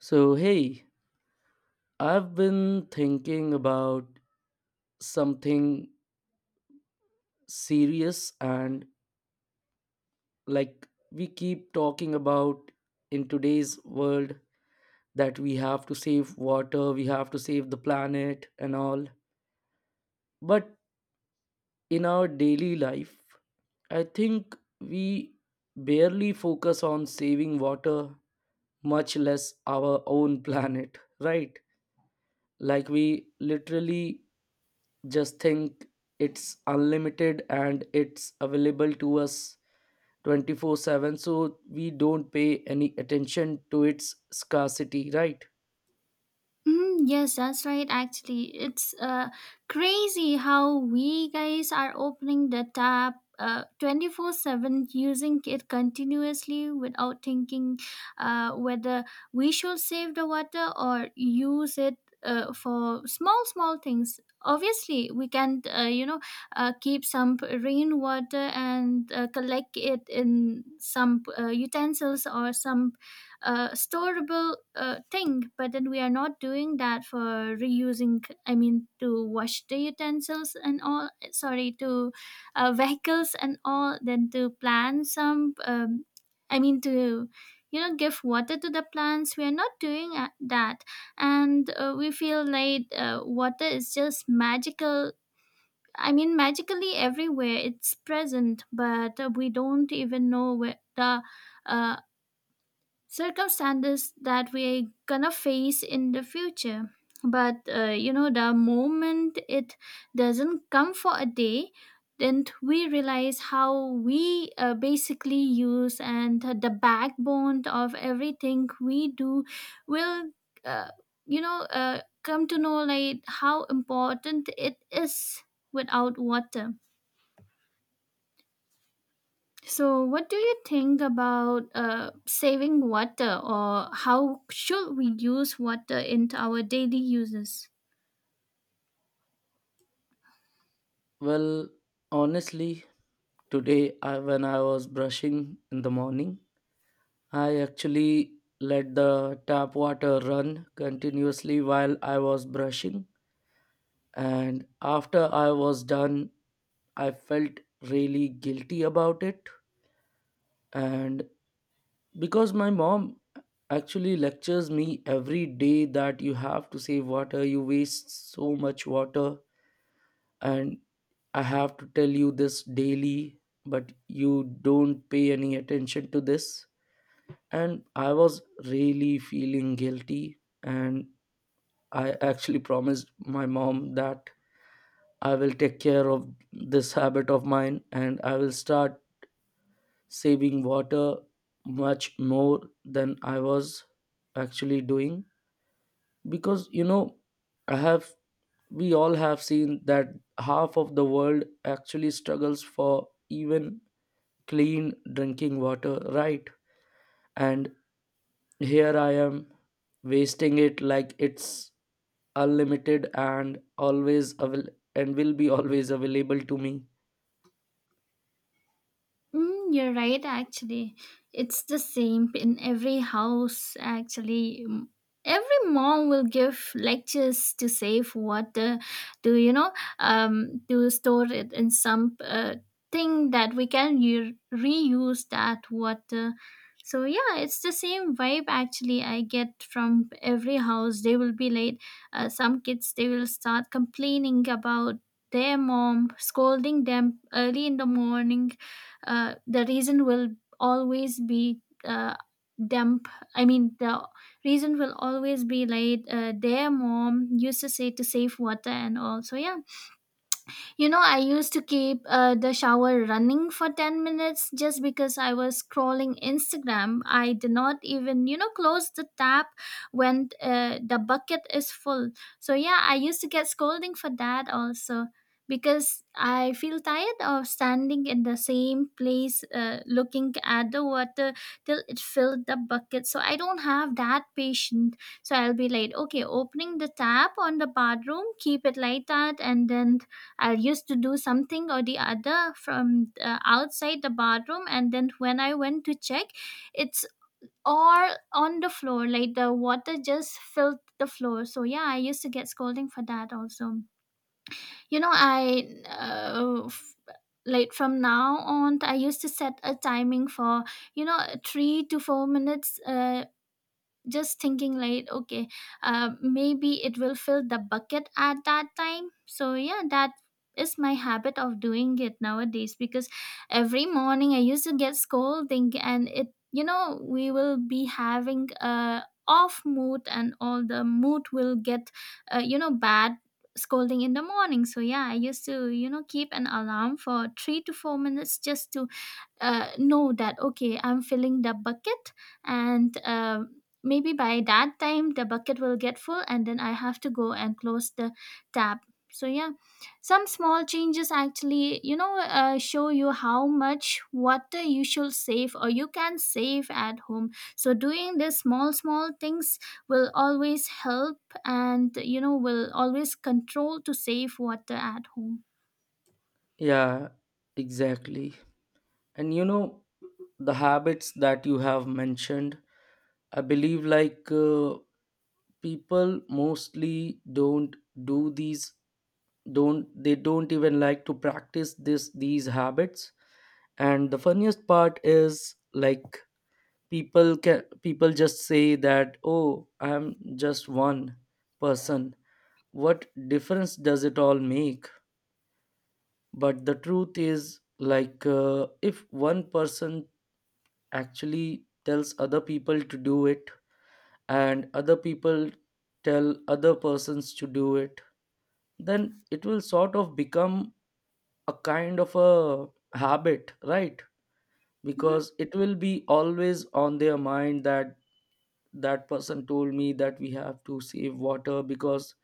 So, hey, I've been thinking about something serious and like we keep talking about in today's world that we have to save water, we have to save the planet and all. But in our daily life, I think we barely focus on saving water, much less our own planet, right? Like we literally just think it's unlimited and it's available to us 24/7, so we don't pay any attention to its scarcity, right? Mm, yes, that's right. Actually, it's crazy how we guys are opening the tap 24/7 using it continuously without thinking whether we should save the water or use it for small, small things. Obviously, we can, keep some rainwater and collect it in some utensils or some storable thing, but then we are not doing that for reusing. I mean, to wash the utensils and all, sorry, to vehicles and all, then to plant some I mean, to, you know, give water to the plants. We are not doing that. And we feel like water is just magical. I mean, magically everywhere it's present, but we don't even know where the uh, circumstances that we're gonna face in the future. But you know, the moment it doesn't come for a day, then we realize how we basically use, and the backbone of everything we do will uh, come to know like how important it is without water. So, what do you think about saving water, or how should we use water in our daily uses? Well, honestly, today I, when I was brushing in the morning, I actually let the tap water run continuously while I was brushing, and after I was done, I felt really guilty about it. And because my mom actually lectures me every day that you have to save water, you waste so much water, and I have to tell you this daily, but you don't pay any attention to this. And I was really feeling guilty, and I actually promised my mom that I will take care of this habit of mine and I will start saving water much more than I was actually doing. Because you know, I have we all have seen that half of the world actually struggles for even clean drinking water, right? And here I am, wasting it like it's unlimited and always and will be always available to me. Mm, you're right, actually. It's the same in every house, actually. Mm, every mom will give lectures to save water, to, you know, to store it in some thing that we can reuse that water. So, yeah, it's the same vibe, actually, I get from every house. They will be late. Some kids, they will start complaining about their mom scolding them early in the morning. The reason will always be dump, I mean, the reason will always be like their mom used to say to save water and all. So, yeah, you know, I used to keep the shower running for 10 minutes just because I was scrolling Instagram. I did not even, you know, close the tap when the bucket is full. So, yeah, I used to get scolding for that also because I feel tired of standing in the same place looking at the water till it filled the bucket. So, I don't have that patience. So I'll be like, okay, opening the tap on the bathroom, keep it like that, and then I used to do something or the other from outside the bathroom, and then when I went to check, it's all on the floor. Like, the water just filled the floor. So yeah, I used to get scolding for that also. You know, I like, from now on, I used to set a timing for, you know, 3 to 4 minutes. Just thinking like, okay, maybe it will fill the bucket at that time. So yeah, that is my habit of doing it nowadays, because every morning I used to get scolding, and it, you know, we will be having a off mood, and all the mood will get you know, bad scolding in the morning. So yeah, I used to, you know, keep an alarm for 3 to 4 minutes just to know that, okay, I'm filling the bucket, and maybe by that time the bucket will get full, and then I have to go and close the tap. So yeah, some small changes actually, you know, show you how much water you should save or you can save at home. So doing this small, small things will always help, and, you know, will always control to save water at home. Yeah, exactly. And you know, the habits that you have mentioned, I believe like people mostly don't do these, don't they don't even like to practice this these habits. And the funniest part is like, people just say that oh, I'm just one person, what difference does it all make? But the truth is like, if one person actually tells other people to do it, and other people tell other persons to do it, then it will sort of become a kind of a habit, right? Hmm. Because it will be always on their mind that that person told me that we have to save water because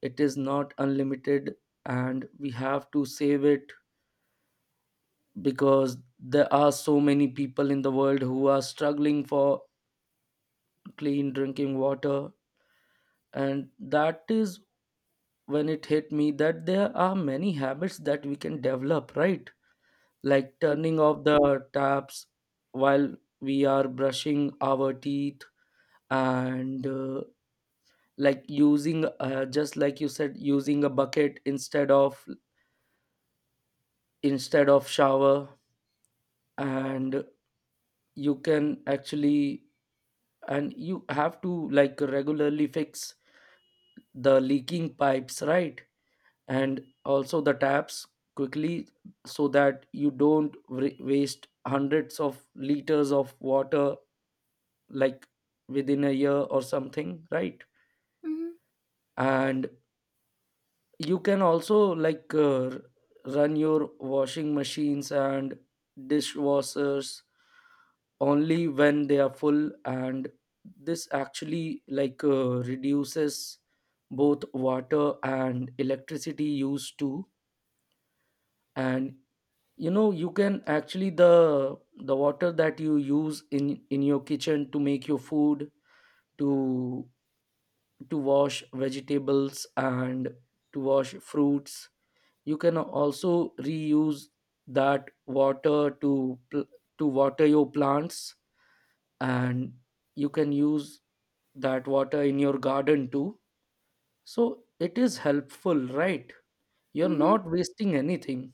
it is not unlimited, and we have to save it because there are so many people in the world who are struggling for clean drinking water. And that is when it hit me that there are many habits that we can develop, right? Like turning off the taps while we are brushing our teeth, and like using just like you said, using a bucket instead of shower. And you can actually and you have to like regularly fix the leaking pipes, right? And also the taps quickly, so that you don't waste hundreds of liters of water like within a year or something, right? Hmm. And you can also like run your washing machines and dishwashers only when they are full. And this actually like reduces both water and electricity use too. And you know, you can actually, the water that you use in your kitchen to make your food, to to wash vegetables and to wash fruits, you can also reuse that water to to water your plants. And you can use that water in your garden too. So it is helpful, right? You're Hmm. not wasting anything.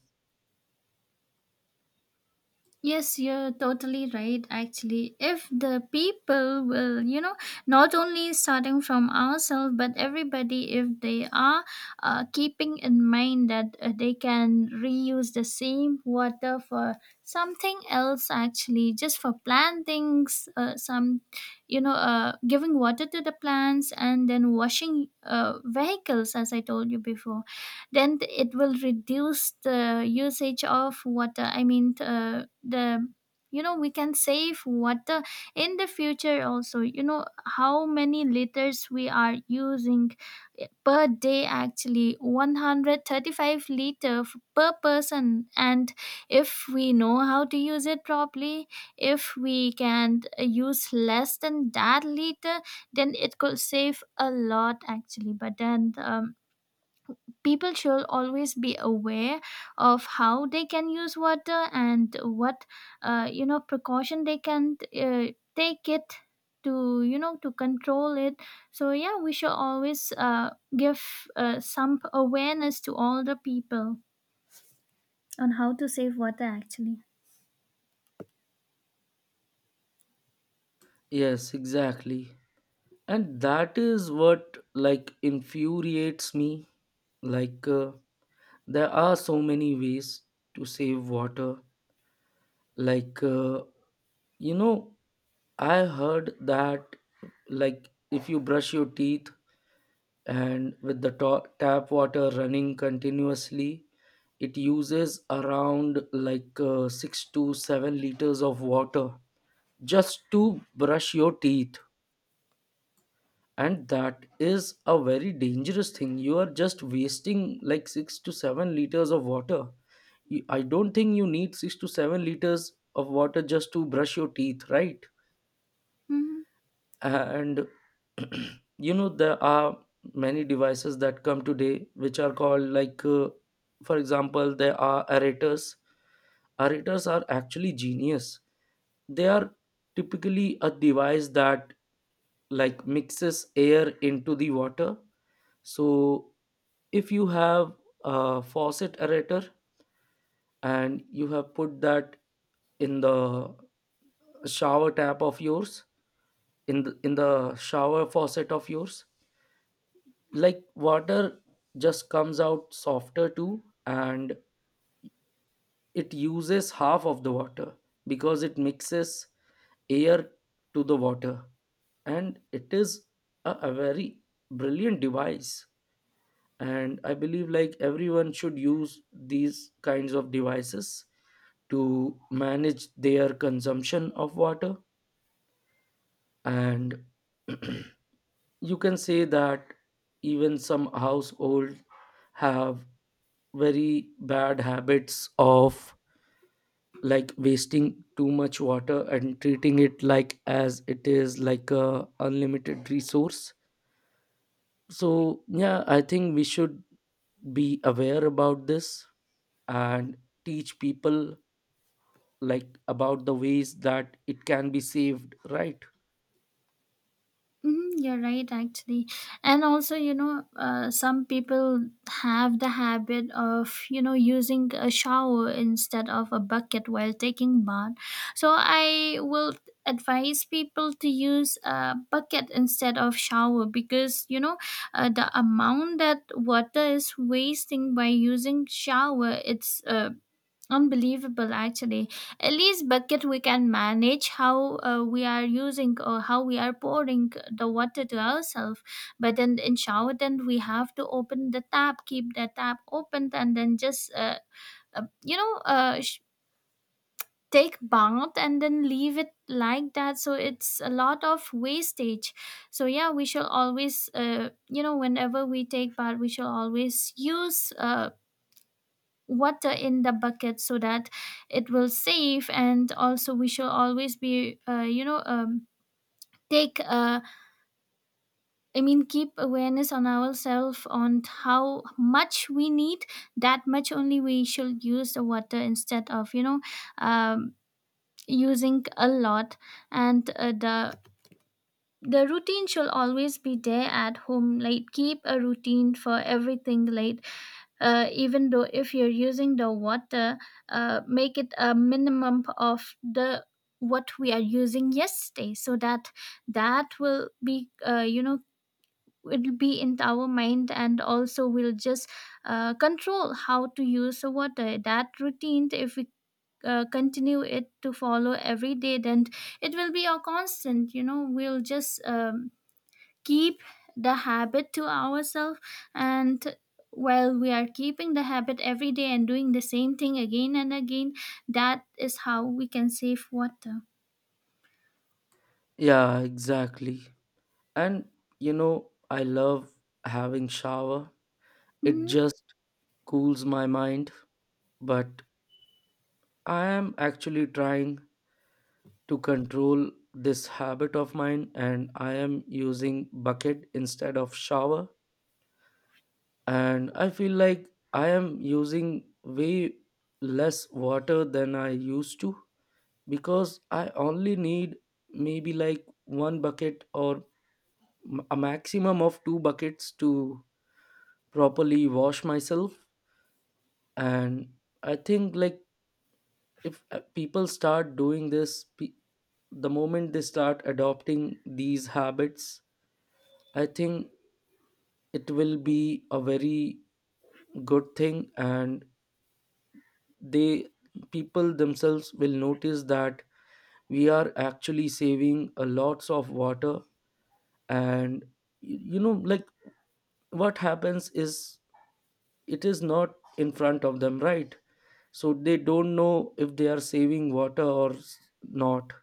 Yes, you're totally right. Actually, if the people will, you know, not only starting from ourselves, but everybody, if they are keeping in mind that they can reuse the same water for something else, actually, just for plantings, some, you know, giving water to the plants and then washing vehicles, as I told you before, then it will reduce the usage of water. I mean, the you know, we can save water in the future also. You know, how many liters we are using, per day, actually, 135 liter per person. And if we know how to use it properly, if we can use less than that liter, then it could save a lot, actually. But then, people should always be aware of how they can use water and what you know, precaution they can take it to, you know, to control it. So yeah, we should always give some awareness to all the people on how to save water, actually. Yes, exactly. And that is what like infuriates me, like, there are so many ways to save water. Like, you know, I heard that like if you brush your teeth and with the tap water running continuously, it uses around like 6 to 7 liters of water just to brush your teeth. And that is a very dangerous thing. You are just wasting like 6 to 7 liters of water. I don't think you need 6 to 7 liters of water just to brush your teeth, right? Mhm. And you know, there are many devices that come today which are called like for example, there are aerators. Aerators are actually genius. They are typically a device that like mixes air into the water. So if you have a faucet aerator and you have put that in the shower tap of yours, in the shower faucet of yours, like water just comes out softer too, and it uses half of the water because it mixes air to the water. And it is a very brilliant device. And I believe like everyone should use these kinds of devices to manage their consumption of water. And you can say that even some household have very bad habits of like wasting too much water and treating it like as it is like a unlimited resource. So yeah, I think we should be aware about this and teach people like about the ways that it can be saved, right? Hmm, you're right, actually. And also, you know, some people have the habit of, you know, using a shower instead of a bucket while taking bath. So I will advise people to use a bucket instead of shower because, you know, the amount that water is wasting by using shower, it's unbelievable, actually. At least bucket we can manage how we are using or how we are pouring the water to ourselves. But then in shower, then we have to open the tap, keep the tap open, and then just uh, you know uh, sh- take bath and then leave it like that. So it's a lot of wastage. So yeah, we should always, you know, whenever we take bath, we should always use water in the bucket so that it will save. And also we should always be, you know, take I mean, keep awareness on ourselves on how much we need. That much only we should use the water, instead of, you know, um, using a lot. And the routine should always be there at home, like, keep a routine for everything. Like even though if you're using the water, make it a minimum of the what we are using yesterday, so that that will be you know, it'll be in our mind. And also we'll just control how to use the water. That routine, if we continue it to follow every day, then it will be a constant, you know. We'll just keep the habit to ourselves. And while we are keeping the habit every day and doing the same thing again and again, that is how we can save water. Yeah, exactly. And you know, I love having shower, it Mm-hmm. just cools my mind. But I am actually trying to control this habit of mine, and I am using bucket instead of shower. And I feel like I am using way less water than I used to, because I only need maybe like one bucket, or a maximum of two buckets to properly wash myself. And I think like if people start doing this, the moment they start adopting these habits, I think it will be a very good thing, and they people themselves will notice that we are actually saving a lots of water. And you know, like what happens is it is not in front of them, right? So they don't know if they are saving water or not.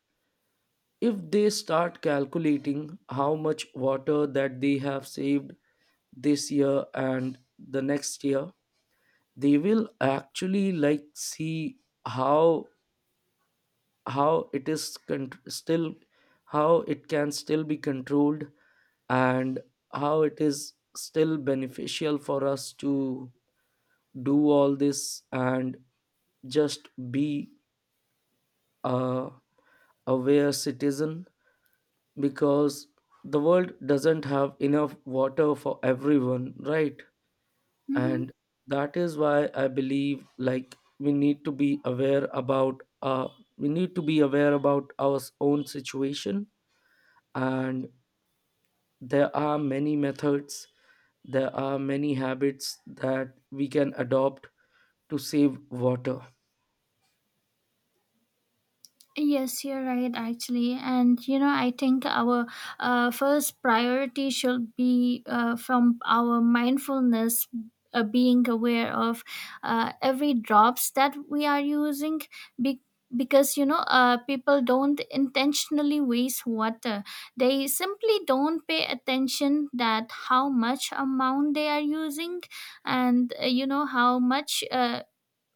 If they start calculating how much water that they have saved this year and the next year, they will actually like see how how it is con- still how it can still be controlled and how it is still beneficial for us to do all this and just be a aware citizen. Because the world doesn't have enough water for everyone, right? Mm-hmm. And that is why I believe like we need to be aware about our own situation. And there are many methods, there are many habits that we can adopt to save water. Yes, you're right, actually. And, you know, I think our first priority should be from our mindfulness. Being aware of every drops that we are using, be- because, you know, people don't intentionally waste water. They simply don't pay attention that how much amount they are using, and you know, how much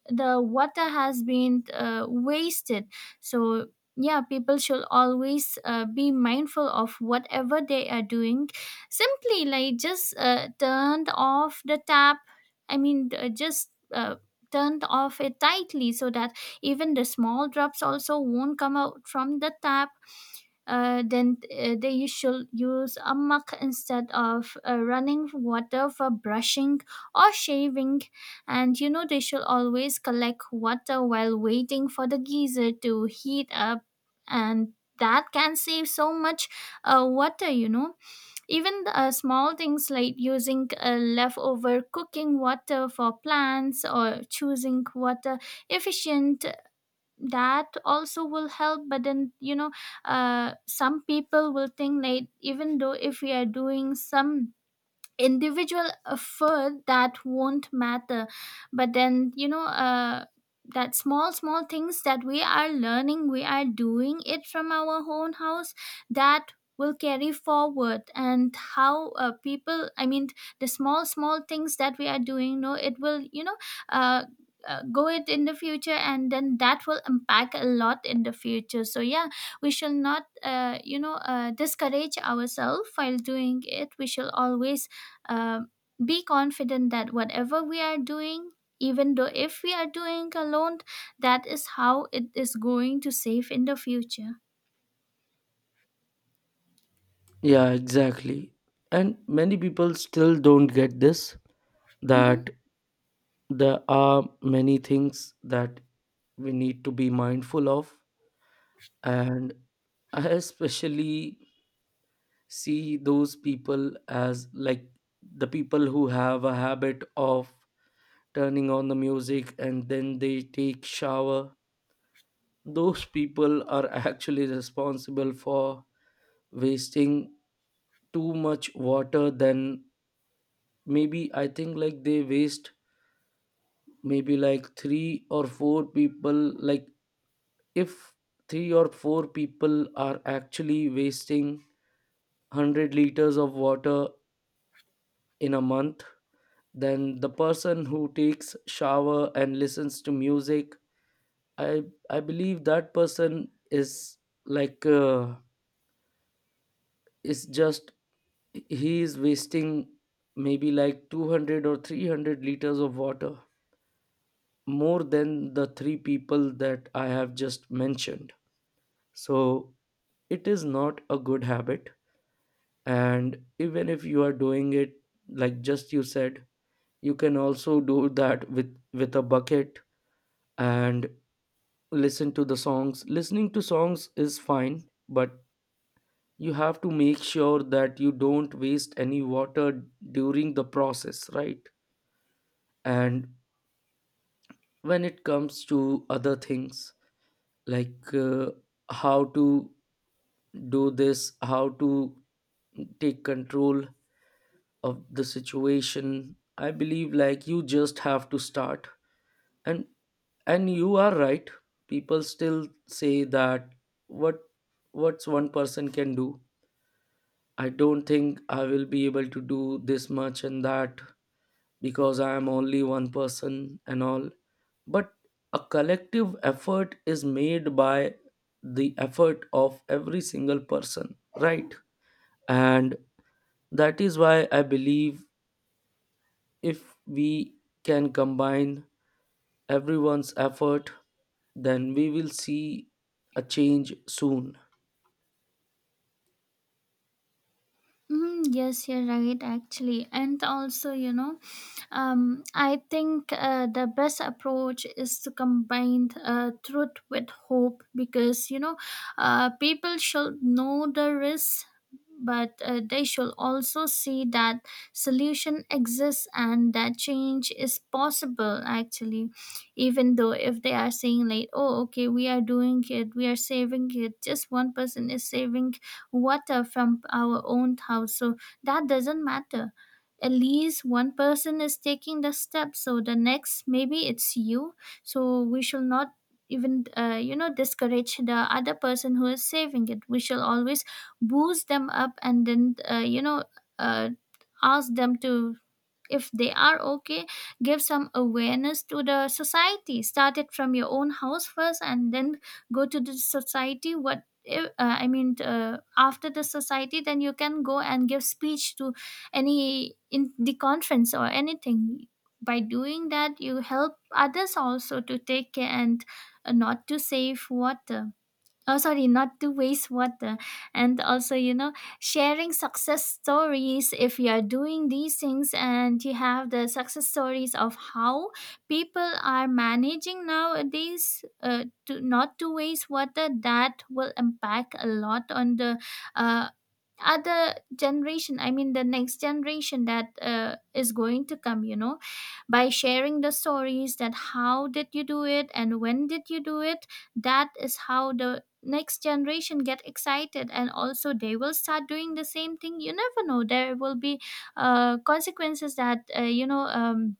the water has been wasted. So yeah, people should always be mindful of whatever they are doing. Simply like, just turned off the tap. I mean, just turned off it tightly, so that even the small drops also won't come out from the tap. Then They, you should use a mug instead of running water for brushing or shaving. And, you know, they should always collect water while waiting for the geyser to heat up. And that can save so much water, you know. Even small things like using leftover cooking water for plants, or choosing water efficient, that also will help. But then, you know, some people will think that even though if we are doing some individual effort, that won't matter. But then, you know, that small, small things that we are learning, we are doing it from our own house, that will carry forward. And how people, I mean, the small, small things that we are doing, no, it will, you know, uh, go it in the future, and then that will impact a lot in the future. So yeah, we shall not you know, discourage ourselves while doing it. We shall always uh, be confident that whatever we are doing, even though if we are doing alone, that is how it is going to save in the future. Yeah, exactly. And many people still don't get this, Mm-hmm. that there are many things that we need to be mindful of. And I especially see those people as like the people who have a habit of turning on the music and then they take shower. Those people are actually responsible for wasting too much water. Then maybe I think like they waste, maybe like three or four people, like if three or four people are actually wasting 100 liters of water in a month, then the person who takes shower and listens to music, i i believe that person is like, is just, he is wasting maybe like 200 or 300 liters of water more than the three people that I have just mentioned. So it is not a good habit. And even if you are doing it, like just you said, you can also do that with a bucket and listen to the songs. Listening to songs is fine, but you have to make sure that you don't waste any water during the process, right? And when it comes to other things like, how to do this, how to take control of the situation, I believe like you just have to start. and and you are right, people still say that what, what's one person can do, I don't think I will be able to do this much and that, because I am only one person and all. But a collective effort is made by the effort of every single person, right? And that is why I believe if we can combine everyone's effort, then we will see a change soon. Mm, yes, you're right, actually. And also, you know, um, I think the best approach is to combine truth with hope, because you know, people should know the risks, but they should also see that solution exists and that change is possible. Actually, even though if they are saying like, "Oh, okay, we are doing it, we are saving it," just one person is saving water from our own house, so that doesn't matter. At least one person is taking the step, so the next maybe it's you. So we shall not even discourage the other person who is saving it. We shall always boost them up and then uh, ask them to, if they are okay, give some awareness to the society. Start it from your own house first and then go to the society. What if- I mean After the society then you can go and give speech to any in the conference or anything. By doing that you help others also to take care and, not to save water, oh sorry, not to waste water. And also sharing success stories, if you are doing these things and you have the success stories of how people are managing nowadays, to not to waste water, that will impact a lot on the uh, other generation, I mean the next generation that is going to come, by sharing the stories that how did you do it and when did you do it. That is how the next generation get excited and also they will start doing the same thing. You never know, there will be consequences that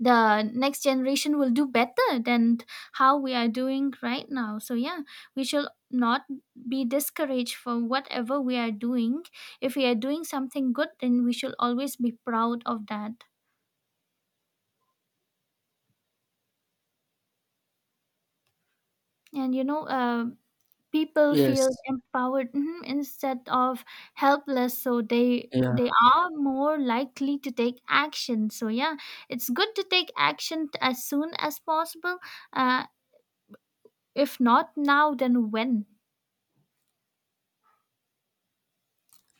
the next generation will do better than how we are doing right now. So yeah, we shall not be discouraged for whatever we are doing. If we are doing something good then we should always be proud of that. And people feel Yes. empowered, mhm, instead of helpless, so they Yeah. they are more likely to take action. So yeah, it's good to take action as soon as possible. uh, if not now then when?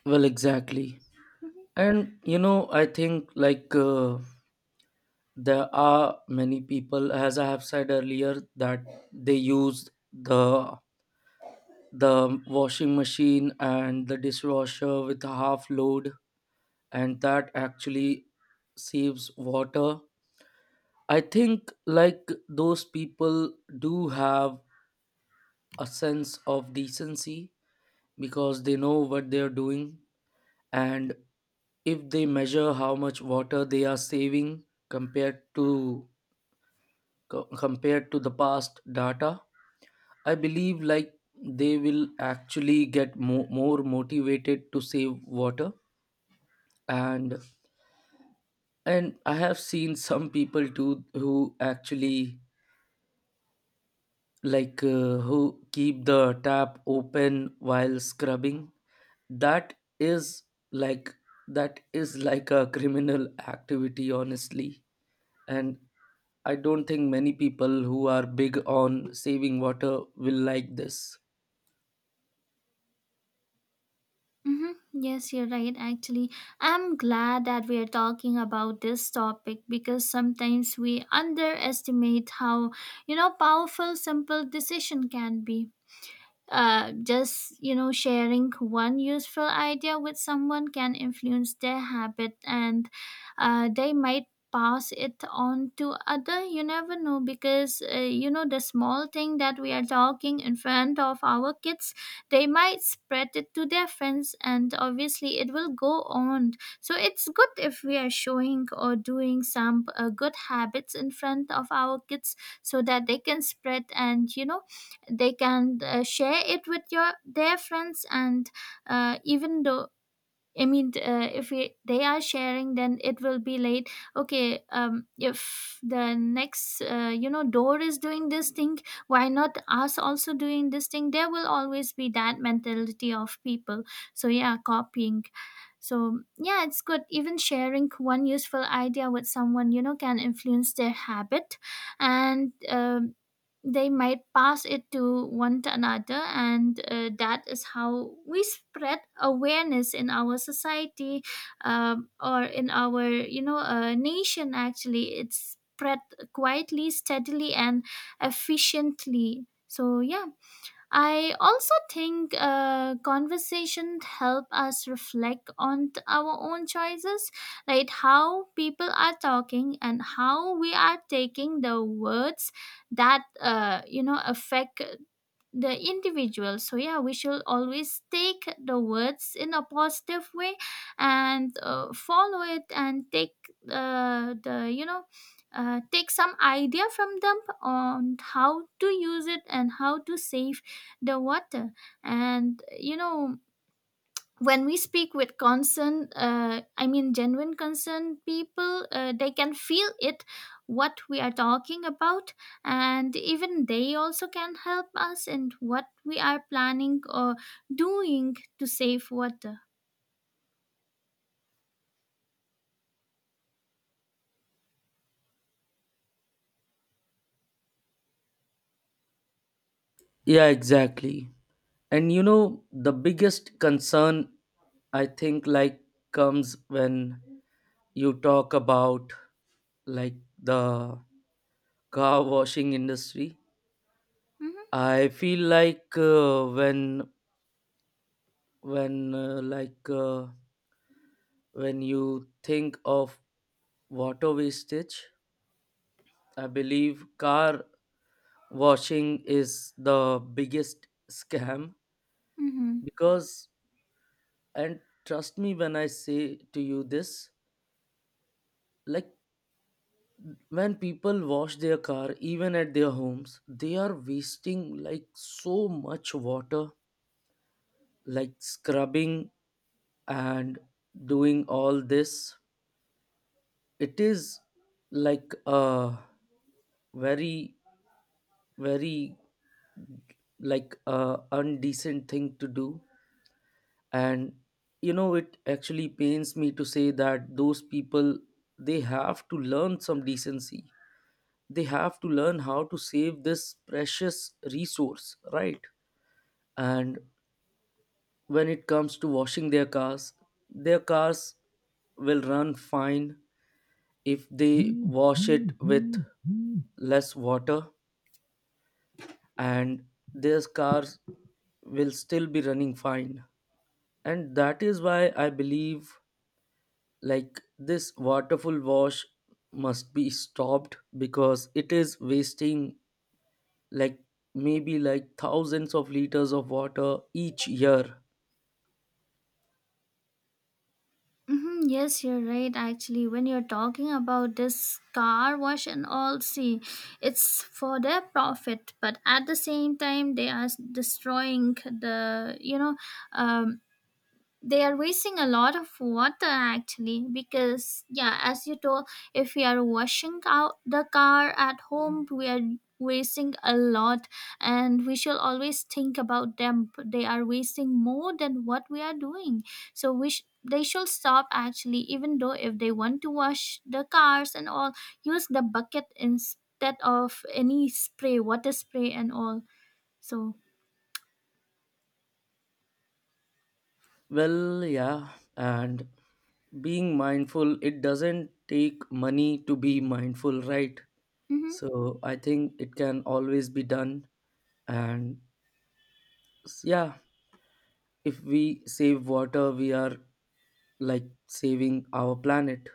Well, exactly. Mm-hmm. And you know, I think like there are many people, as I have said earlier, that they use the the washing machine and the dishwasher with a half load, and that actually saves water. I think like those people do have a sense of decency because they know what they are doing. And if they measure how much water they are saving compared to compared to the past data, I believe like they will actually get more motivated to save water. and and I have seen some people too who actually like, who keep the tap open while scrubbing. That is like, that is like a criminal activity, honestly. And I don't think many people who are big on saving water will like this. Mm-hmm. Yes, you're right. Actually, I'm glad that we are talking about this topic because sometimes we underestimate how, powerful simple decision can be. Just sharing one useful idea with someone can influence their habit, and they might pass it on to other. You never know, because the small thing that we are talking in front of our kids, they might spread it to their friends and obviously it will go on. So it's good if we are showing or doing some good habits in front of our kids, so that they can spread, and they can share it with your their friends. And even though, if we, they are sharing then it will be late. Okay, if the next door is doing this thing, why not us also doing this thing? There will always be that mentality of people. So yeah, copying. So yeah, it's good. Even sharing one useful idea with someone, can influence their habit. And they might pass it to one to another, and that is how we spread awareness in our society, or in our nation. Actually it's spread quietly, steadily and efficiently. So yeah, I also think conversations help us reflect on our own choices, like how people are talking and how we are taking the words that affect the individual. So yeah, we should always take the words in a positive way and follow it and take the you know take some idea from them on how to use it and how to save the water. And when we speak with concern, genuine concern, people they can feel it, what we are talking about. And even they also can help us in what we are planning or doing to save water. Yeah, exactly. And you know, the biggest concern, I think like, comes when you talk about like the car washing industry. Hmm. I feel like when when uh, like uh, when you think of water wastage, I believe car washing is the biggest scam. Hmm. Because, and trust me when I say to you this, like when people wash their car even at their homes, they are wasting like so much water, like scrubbing and doing all this. It is like a very, very like a undecent thing to do. And you know, it actually pains me to say that those people, they have to learn some decency, they have to learn how to save this precious resource, right? And when it comes to washing their cars, their cars will run fine if they wash it with less water, and their cars will still be running fine. And that is why I believe like this waterful wash must be stopped, because it is wasting like maybe like thousands of liters of water each year. Hmm, yes you're right actually. When you're talking about this car wash and all, see, it's for their profit but at the same time they are destroying the, um, they are wasting a lot of water actually. Because yeah, as you told, if we are washing out the car at home, we are wasting a lot. And we should always think about them, they are wasting more than what we are doing. So they should stop actually. Even though if they want to wash the cars and all, use the bucket instead of any spray, water spray and all. So, Well, yeah, and being mindful, it doesn't take money to be mindful, right? mhm. So I think it can always be done. And yeah, if we save water, we are like saving our planet.